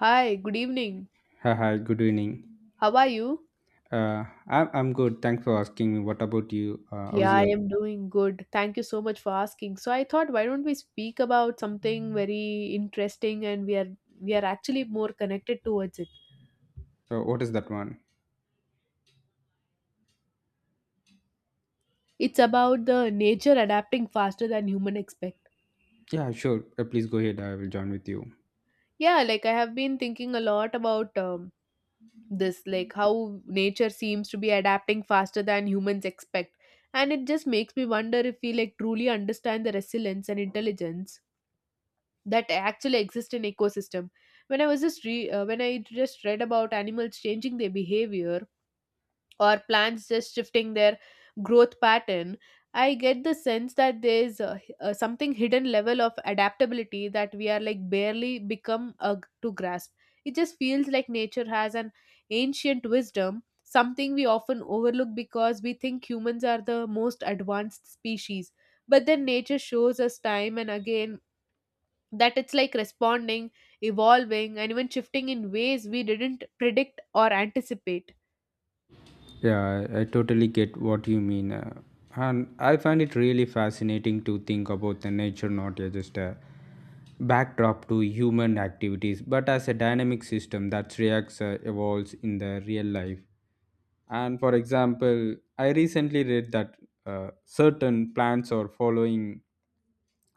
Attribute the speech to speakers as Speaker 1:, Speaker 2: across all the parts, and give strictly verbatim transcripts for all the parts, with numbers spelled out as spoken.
Speaker 1: Hi, good evening.
Speaker 2: Hi, hi, good evening.
Speaker 1: How are you?
Speaker 2: Uh, I'm, I'm good. Thanks for asking me. What about you? Uh, how's
Speaker 1: Yeah, I
Speaker 2: your,
Speaker 1: am doing good. Thank you so much for asking. So I thought, why don't we speak about something very interesting, and we are we are actually more connected towards it.
Speaker 2: uh, what is that one?
Speaker 1: It's about the nature adapting faster than human expect.
Speaker 2: Yeah, sure. Uh, please go ahead. I will join with you.
Speaker 1: Yeah, like I have been thinking a lot about um, this, like how nature seems to be adapting faster than humans expect. And it just makes me wonder if we like truly understand the resilience and intelligence that actually exist in ecosystem. When I was just re- uh, when I just read about animals changing their behavior or plants just shifting their growth pattern, I get the sense that there's a, a something hidden level of adaptability that we are like barely become uh, to grasp. It just feels like nature has an ancient wisdom, something we often overlook because we think humans are the most advanced species, but then nature shows us time and again that it's like responding, evolving, and even shifting in ways we didn't predict or anticipate.
Speaker 2: Yeah, I, I totally get what you mean. Uh, and I find it really fascinating to think about the nature not as just a backdrop to human activities, but as a dynamic system that reacts, uh, evolves in the real life. And for example, I recently read that uh, certain plants are following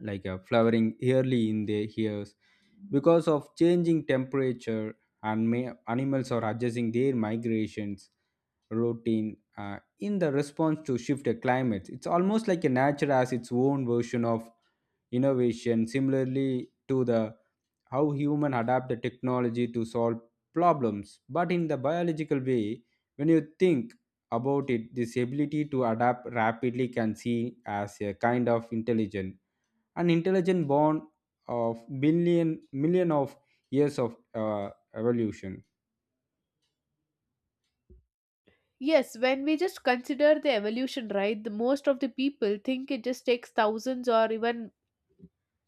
Speaker 2: like uh, flowering early in their years because of changing temperature and may, animals are adjusting their migrations routine uh, in the response to shift climates. It's almost like a nature has its own version of innovation, similarly to the how human adapt the technology to solve problems but in the biological way. When you think about it, this ability to adapt rapidly can see as a kind of intelligence, an intelligence born of billion million of years of uh, evolution.
Speaker 1: Yes, when we just consider the evolution, right, the most of the people think it just takes thousands or even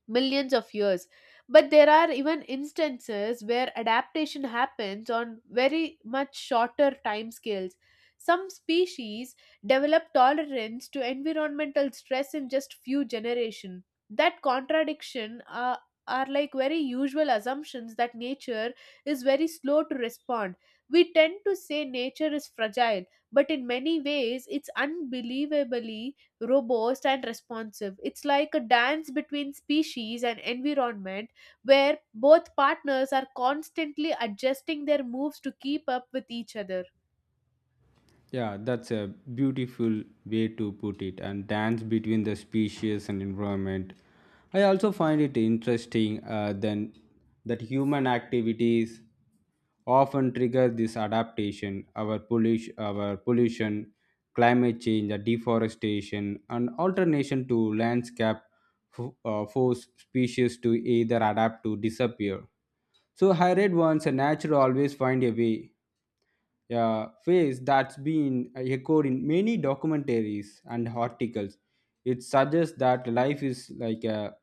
Speaker 1: millions of years, but there are even instances where adaptation happens on very much shorter time scales. Some species develop tolerance to environmental stress in just few generations. That contradiction uh, are like very usual assumptions that nature is very slow to respond. We tend to say nature is fragile, but in many ways it's unbelievably robust and responsive. It's like a dance between species and environment, where both partners are constantly adjusting their moves to keep up with each other.
Speaker 2: Yeah, that's a beautiful way to put it, and dance between the species and environment. I also find it interesting uh, then that human activities often trigger this adaptation, our pollution, our pollution, climate change, the deforestation, and alternation to landscape f- uh, force species to either adapt to disappear. So I read once a nature always find a way, a phrase that's been echoed in many documentaries and articles. It suggests that life is like a,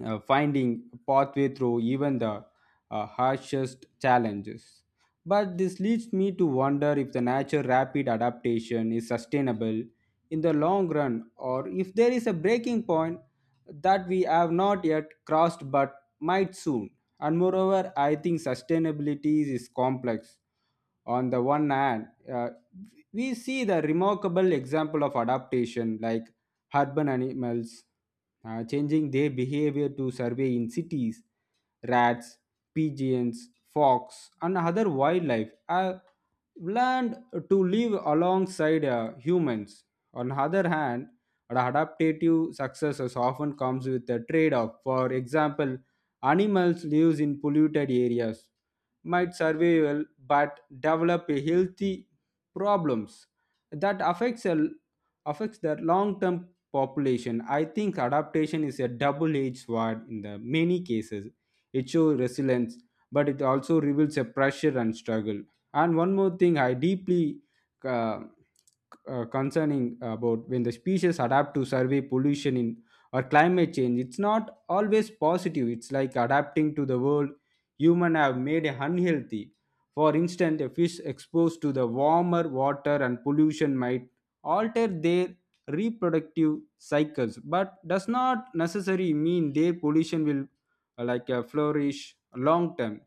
Speaker 2: a finding a pathway through even the uh, harshest challenges. But this leads me to wonder if the nature rapid adaptation is sustainable in the long run, or if there is a breaking point that we have not yet crossed but might soon. And moreover, I think sustainability is complex. On the one hand, uh, we see the remarkable example of adaptation, like urban animals uh, changing their behavior to survey in cities, rats, pigeons, fox, and other wildlife have learned to live alongside uh, humans. On the other hand, the adaptative successes often comes with a trade-off. For example, animals live in polluted areas might survival but develop a healthy problems that affects a, affects their long-term population. I think adaptation is a double-edged sword in the many cases. It shows resilience, but it also reveals a pressure and struggle. And one more thing I deeply uh, uh, concerning about, when the species adapt to survey pollution in or climate change, it's not always positive. It's like adapting to the world humans have made unhealthy. For instance, a fish exposed to the warmer water and pollution might alter their reproductive cycles, but does not necessarily mean their pollution will uh, like uh, flourish long term.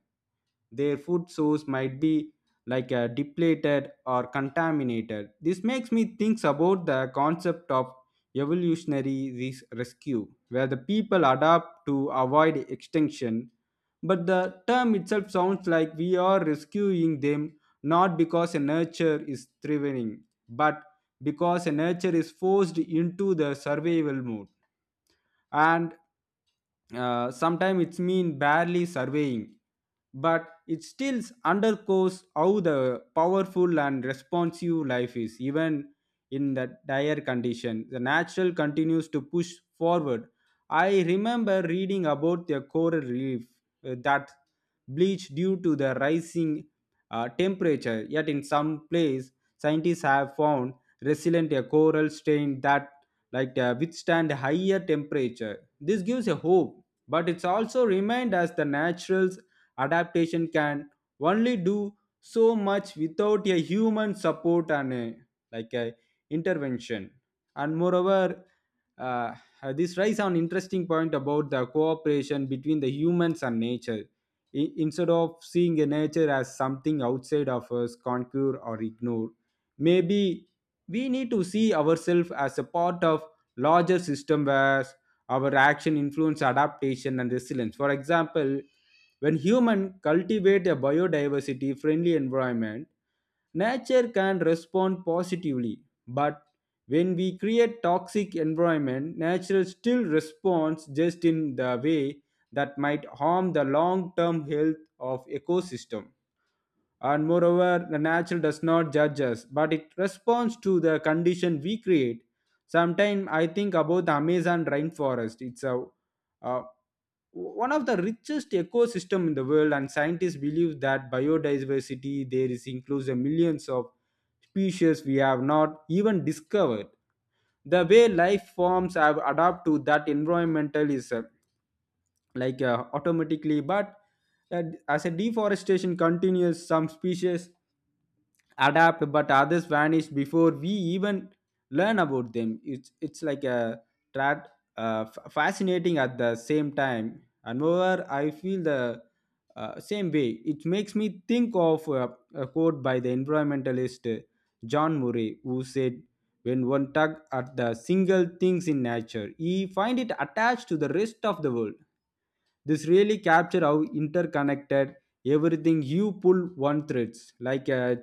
Speaker 2: Their food source might be like uh, depleted or contaminated. This makes me think about the concept of evolutionary res- rescue, where the people adapt to avoid extinction. But the term itself sounds like we are rescuing them, not because a nature is thriving, but because a nature is forced into the survival mode, and uh, sometimes it's mean barely surveying, but it still underscores how the powerful and responsive life is. Even in the dire condition, the natural continues to push forward. I remember reading about the coral reef uh, that bleached due to the rising uh, temperature, yet in some place scientists have found resilient a coral strain that like uh, withstand higher temperature. This gives a hope, but it's also remind us the natural's adaptation can only do so much without a human support and a, like a intervention. And moreover, uh, uh, this raises an interesting point about the cooperation between the humans and nature. I- instead of seeing a nature as something outside of us, conquer or ignore, maybe we need to see ourselves as a part of larger system where our action influence adaptation and resilience. For example, when humans cultivate a biodiversity friendly environment, nature can respond positively, but when we create toxic environment, nature still responds, just in the way that might harm the long term health of ecosystem. And moreover, the natural does not judge us, but it responds to the condition we create. Sometimes I think about the Amazon rainforest. It's a uh, one of the richest ecosystem in the world, and scientists believe that biodiversity there is includes the millions of species we have not even discovered. The way life forms have adapt to that environmental is uh, like uh, automatically, but uh, as a deforestation continues, some species adapt but others vanish before we even learn about them. It's it's like a tra- uh, f- fascinating at the same time. And moreover, I feel the uh, same way. It makes me think of uh, a quote by the environmentalist uh, John Murray, who said, when one tug at the single things in nature, he find it attached to the rest of the world. This really capture how interconnected everything. You pull one threads like a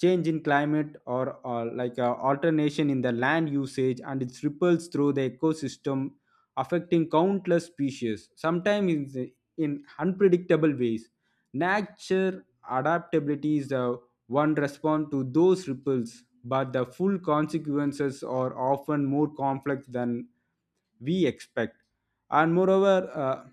Speaker 2: change in climate, or, or like a alternation in the land usage, and it ripples through the ecosystem, affecting countless species, sometimes in, in unpredictable ways. Nature adaptability is the one response to those ripples, but the full consequences are often more complex than we expect. And moreover, uh,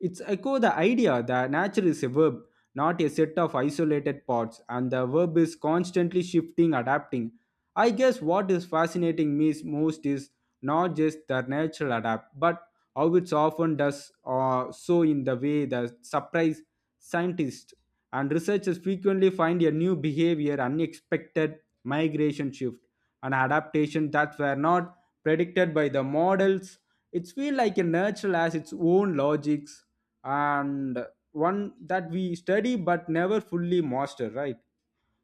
Speaker 2: it's echo the idea that nature is a verb, not a set of isolated parts, and the verb is constantly shifting, adapting. I guess what is fascinating me is most is not just the nature adapt, but how it often does uh, so in the way that surprise scientists, and researchers frequently find a new behavior, unexpected migration shift, and adaptation that were not predicted by the models. It feels like a natural has its own logics, and one that we study but never fully master, right?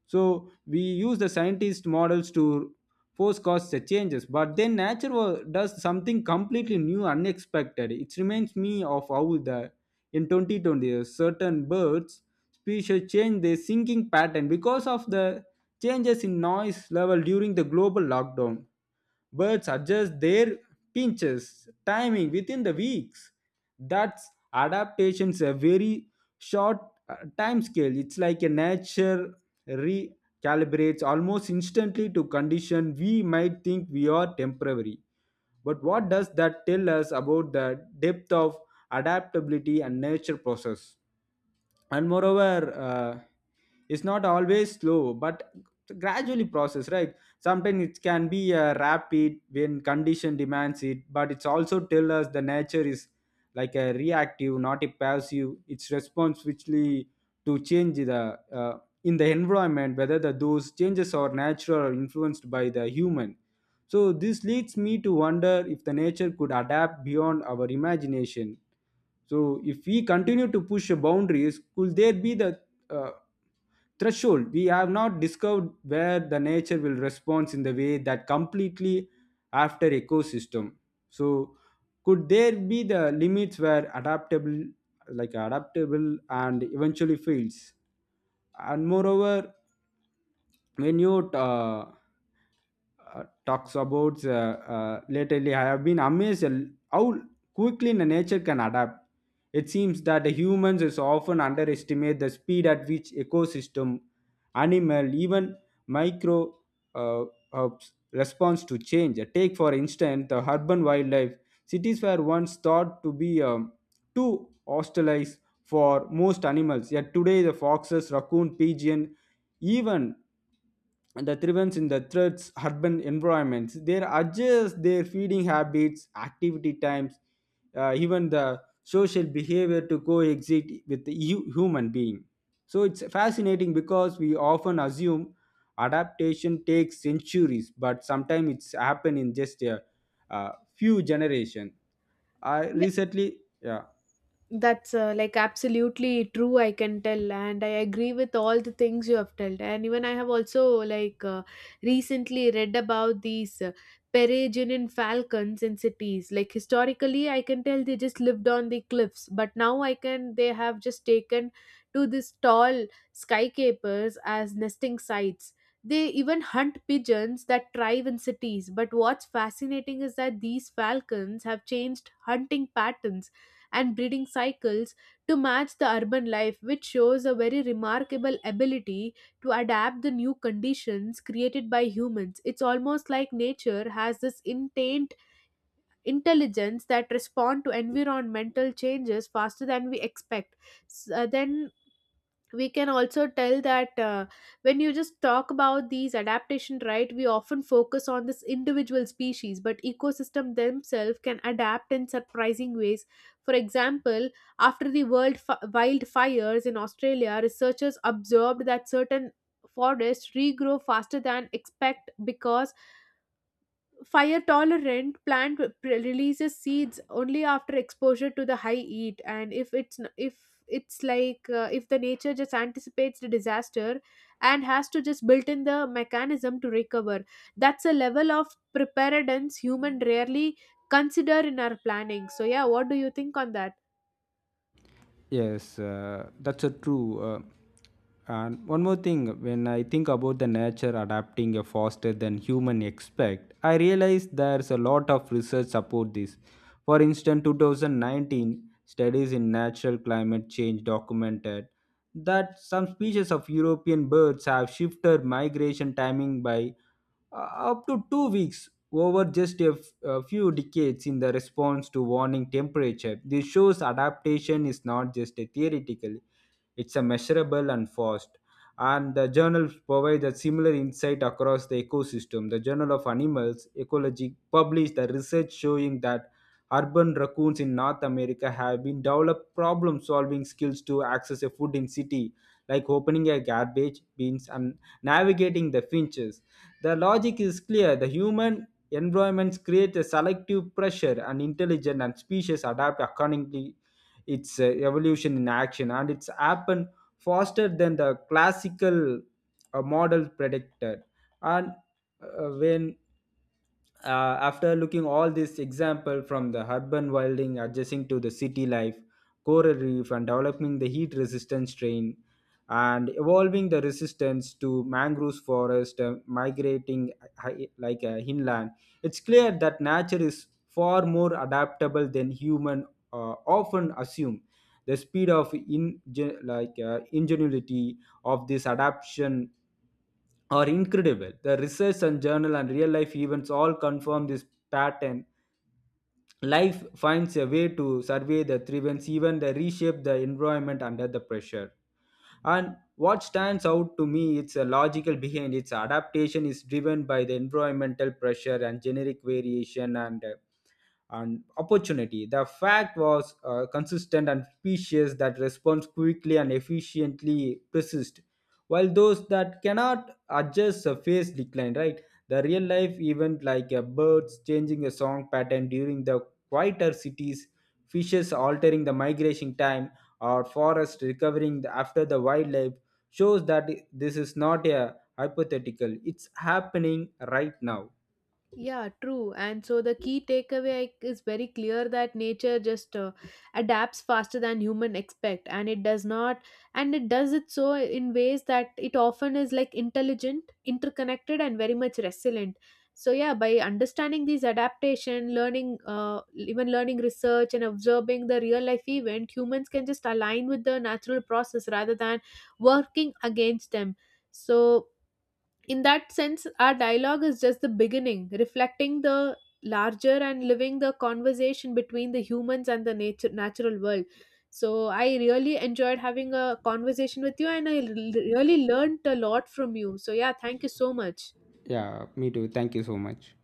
Speaker 2: So we use the scientist models to force cause the changes, but then nature wa- does something completely new, unexpected. It reminds me of how the in twenty twenty certain birds species changed their singing pattern because of the changes in noise level during the global lockdown. Birds adjust their pinches timing within the weeks. That's adaptation's a very short uh, time scale. It's like a nature recalibrates almost instantly to condition we might think we are temporary. But what does that tell us about the depth of adaptability and nature process? And moreover, uh, it's not always slow but gradually process, right? Sometimes it can be uh, rapid when condition demands it, but it's also tell us the nature is like a reactive, not a passive. It's response whichly to change the uh, in the environment, whether the those changes are natural or influenced by the human. So this leads me to wonder if the nature could adapt beyond our imagination. So if we continue to push boundaries, could there be the uh, threshold we have not discovered, where the nature will respond in the way that completely after ecosystem? So could there be the limits where adaptable, like adaptable, and eventually fails? And moreover, when you uh, uh, talks about uh, uh, lately I have been amazed at how quickly the nature can adapt. It seems that the humans is often underestimate the speed at which ecosystem, animal, even micro uh, herbs responds to change. Take for instance the urban wildlife. Cities were once thought to be um, too hostile for most animals, yet today the foxes, raccoon, pigeon, even and the thrivens in the threats urban environments. They adjust their feeding habits, activity times, uh, even the social behavior to coexist with the hu- human being. So it's fascinating because we often assume adaptation takes centuries, but sometimes it's happened in just a, uh few generations. I recently, yeah.
Speaker 1: That's uh, like absolutely true, I can tell, and I agree with all the things you have told. And even I have also like uh, recently read about these uh, peregrine falcons in cities. Like historically, I can tell they just lived on the cliffs, but now I can they have just taken to these tall skycapers as nesting sites. They even hunt pigeons that thrive in cities. But what's fascinating is that these falcons have changed hunting patterns and breeding cycles to match the urban life, which shows a very remarkable ability to adapt the new conditions created by humans. It's almost like nature has this intent intelligence that respond to environmental changes faster than we expect. S- uh, then we can also tell that uh, when you just talk about these adaptation, right, we often focus on this individual species, but ecosystem themselves can adapt in surprising ways. For example, after the world fi- wildfires in australia, researchers observed that certain forests regrow faster than expect because fire tolerant plant pre- releases seeds only after exposure to the high heat. And if it's n- if it's like uh, if the nature just anticipates the disaster and has to just built in the mechanism to recover, that's a level of preparedness human rarely consider in our planning. So yeah, what do you think on that?
Speaker 2: Yes, uh, that's a true. Uh, and one more thing, when I think about the nature adapting uh, faster than human expect, I realize there's a lot of research support this. For instance, twenty nineteen studies in natural climate change documented that some species of European birds have shifted migration timing by uh, up to two weeks over just a, f- a few decades in the response to warming temperature. This shows adaptation is not just a theoretical, it's a measurable and fast. And the journals provide a similar insight across the ecosystem. The Journal of Animals Ecology published the research showing that urban raccoons in North America have been developed problem-solving skills to access a food in city, like opening a garbage bins and navigating the finches. The logic is clear. The human environments create a selective pressure and intelligent, and species adapt accordingly. Its uh, evolution in action, and it's happened faster than the classical uh, model predicted. And uh, when uh, After looking all this example, from the urban wilding adjusting to the city life, coral reef and developing the heat resistant strain, and evolving the resistance to mangrove forest uh, migrating hi- like uh, inland, it's clear that nature is far more adaptable than human uh, often assume. The speed of in, like uh, ingenuity of this adaptation are incredible. The research and journal and real life events all confirm this pattern. Life finds a way to survey the events, even they reshape the environment under the pressure. And what stands out to me, it's a logical behind its adaptation is driven by the environmental pressure and generic variation and uh, and opportunity. The fact was uh, consistent and specious that responds quickly and efficiently persist, while those that cannot adjust a face decline, right? The real life event like a birds changing a song pattern during the quieter cities, fishes altering the migration time, or forest recovering the- after the wildlife shows that this is not a hypothetical. It's happening right now.
Speaker 1: Yeah, true. And so the key takeaway I- is very clear that nature just uh, adapts faster than human expect, and it does not, and it does it so in ways that it often is like intelligent, interconnected, and very much resilient. So yeah, by understanding these adaptation, learning, uh, even learning research and observing the real life event, humans can just align with the natural process rather than working against them. So in that sense, our dialogue is just the beginning, reflecting the larger and living the conversation between the humans and the nature natural world. So I really enjoyed having a conversation with you, and i l- really learned a lot from you, so yeah, thank you so much.
Speaker 2: Yeah, me too. Thank you so much.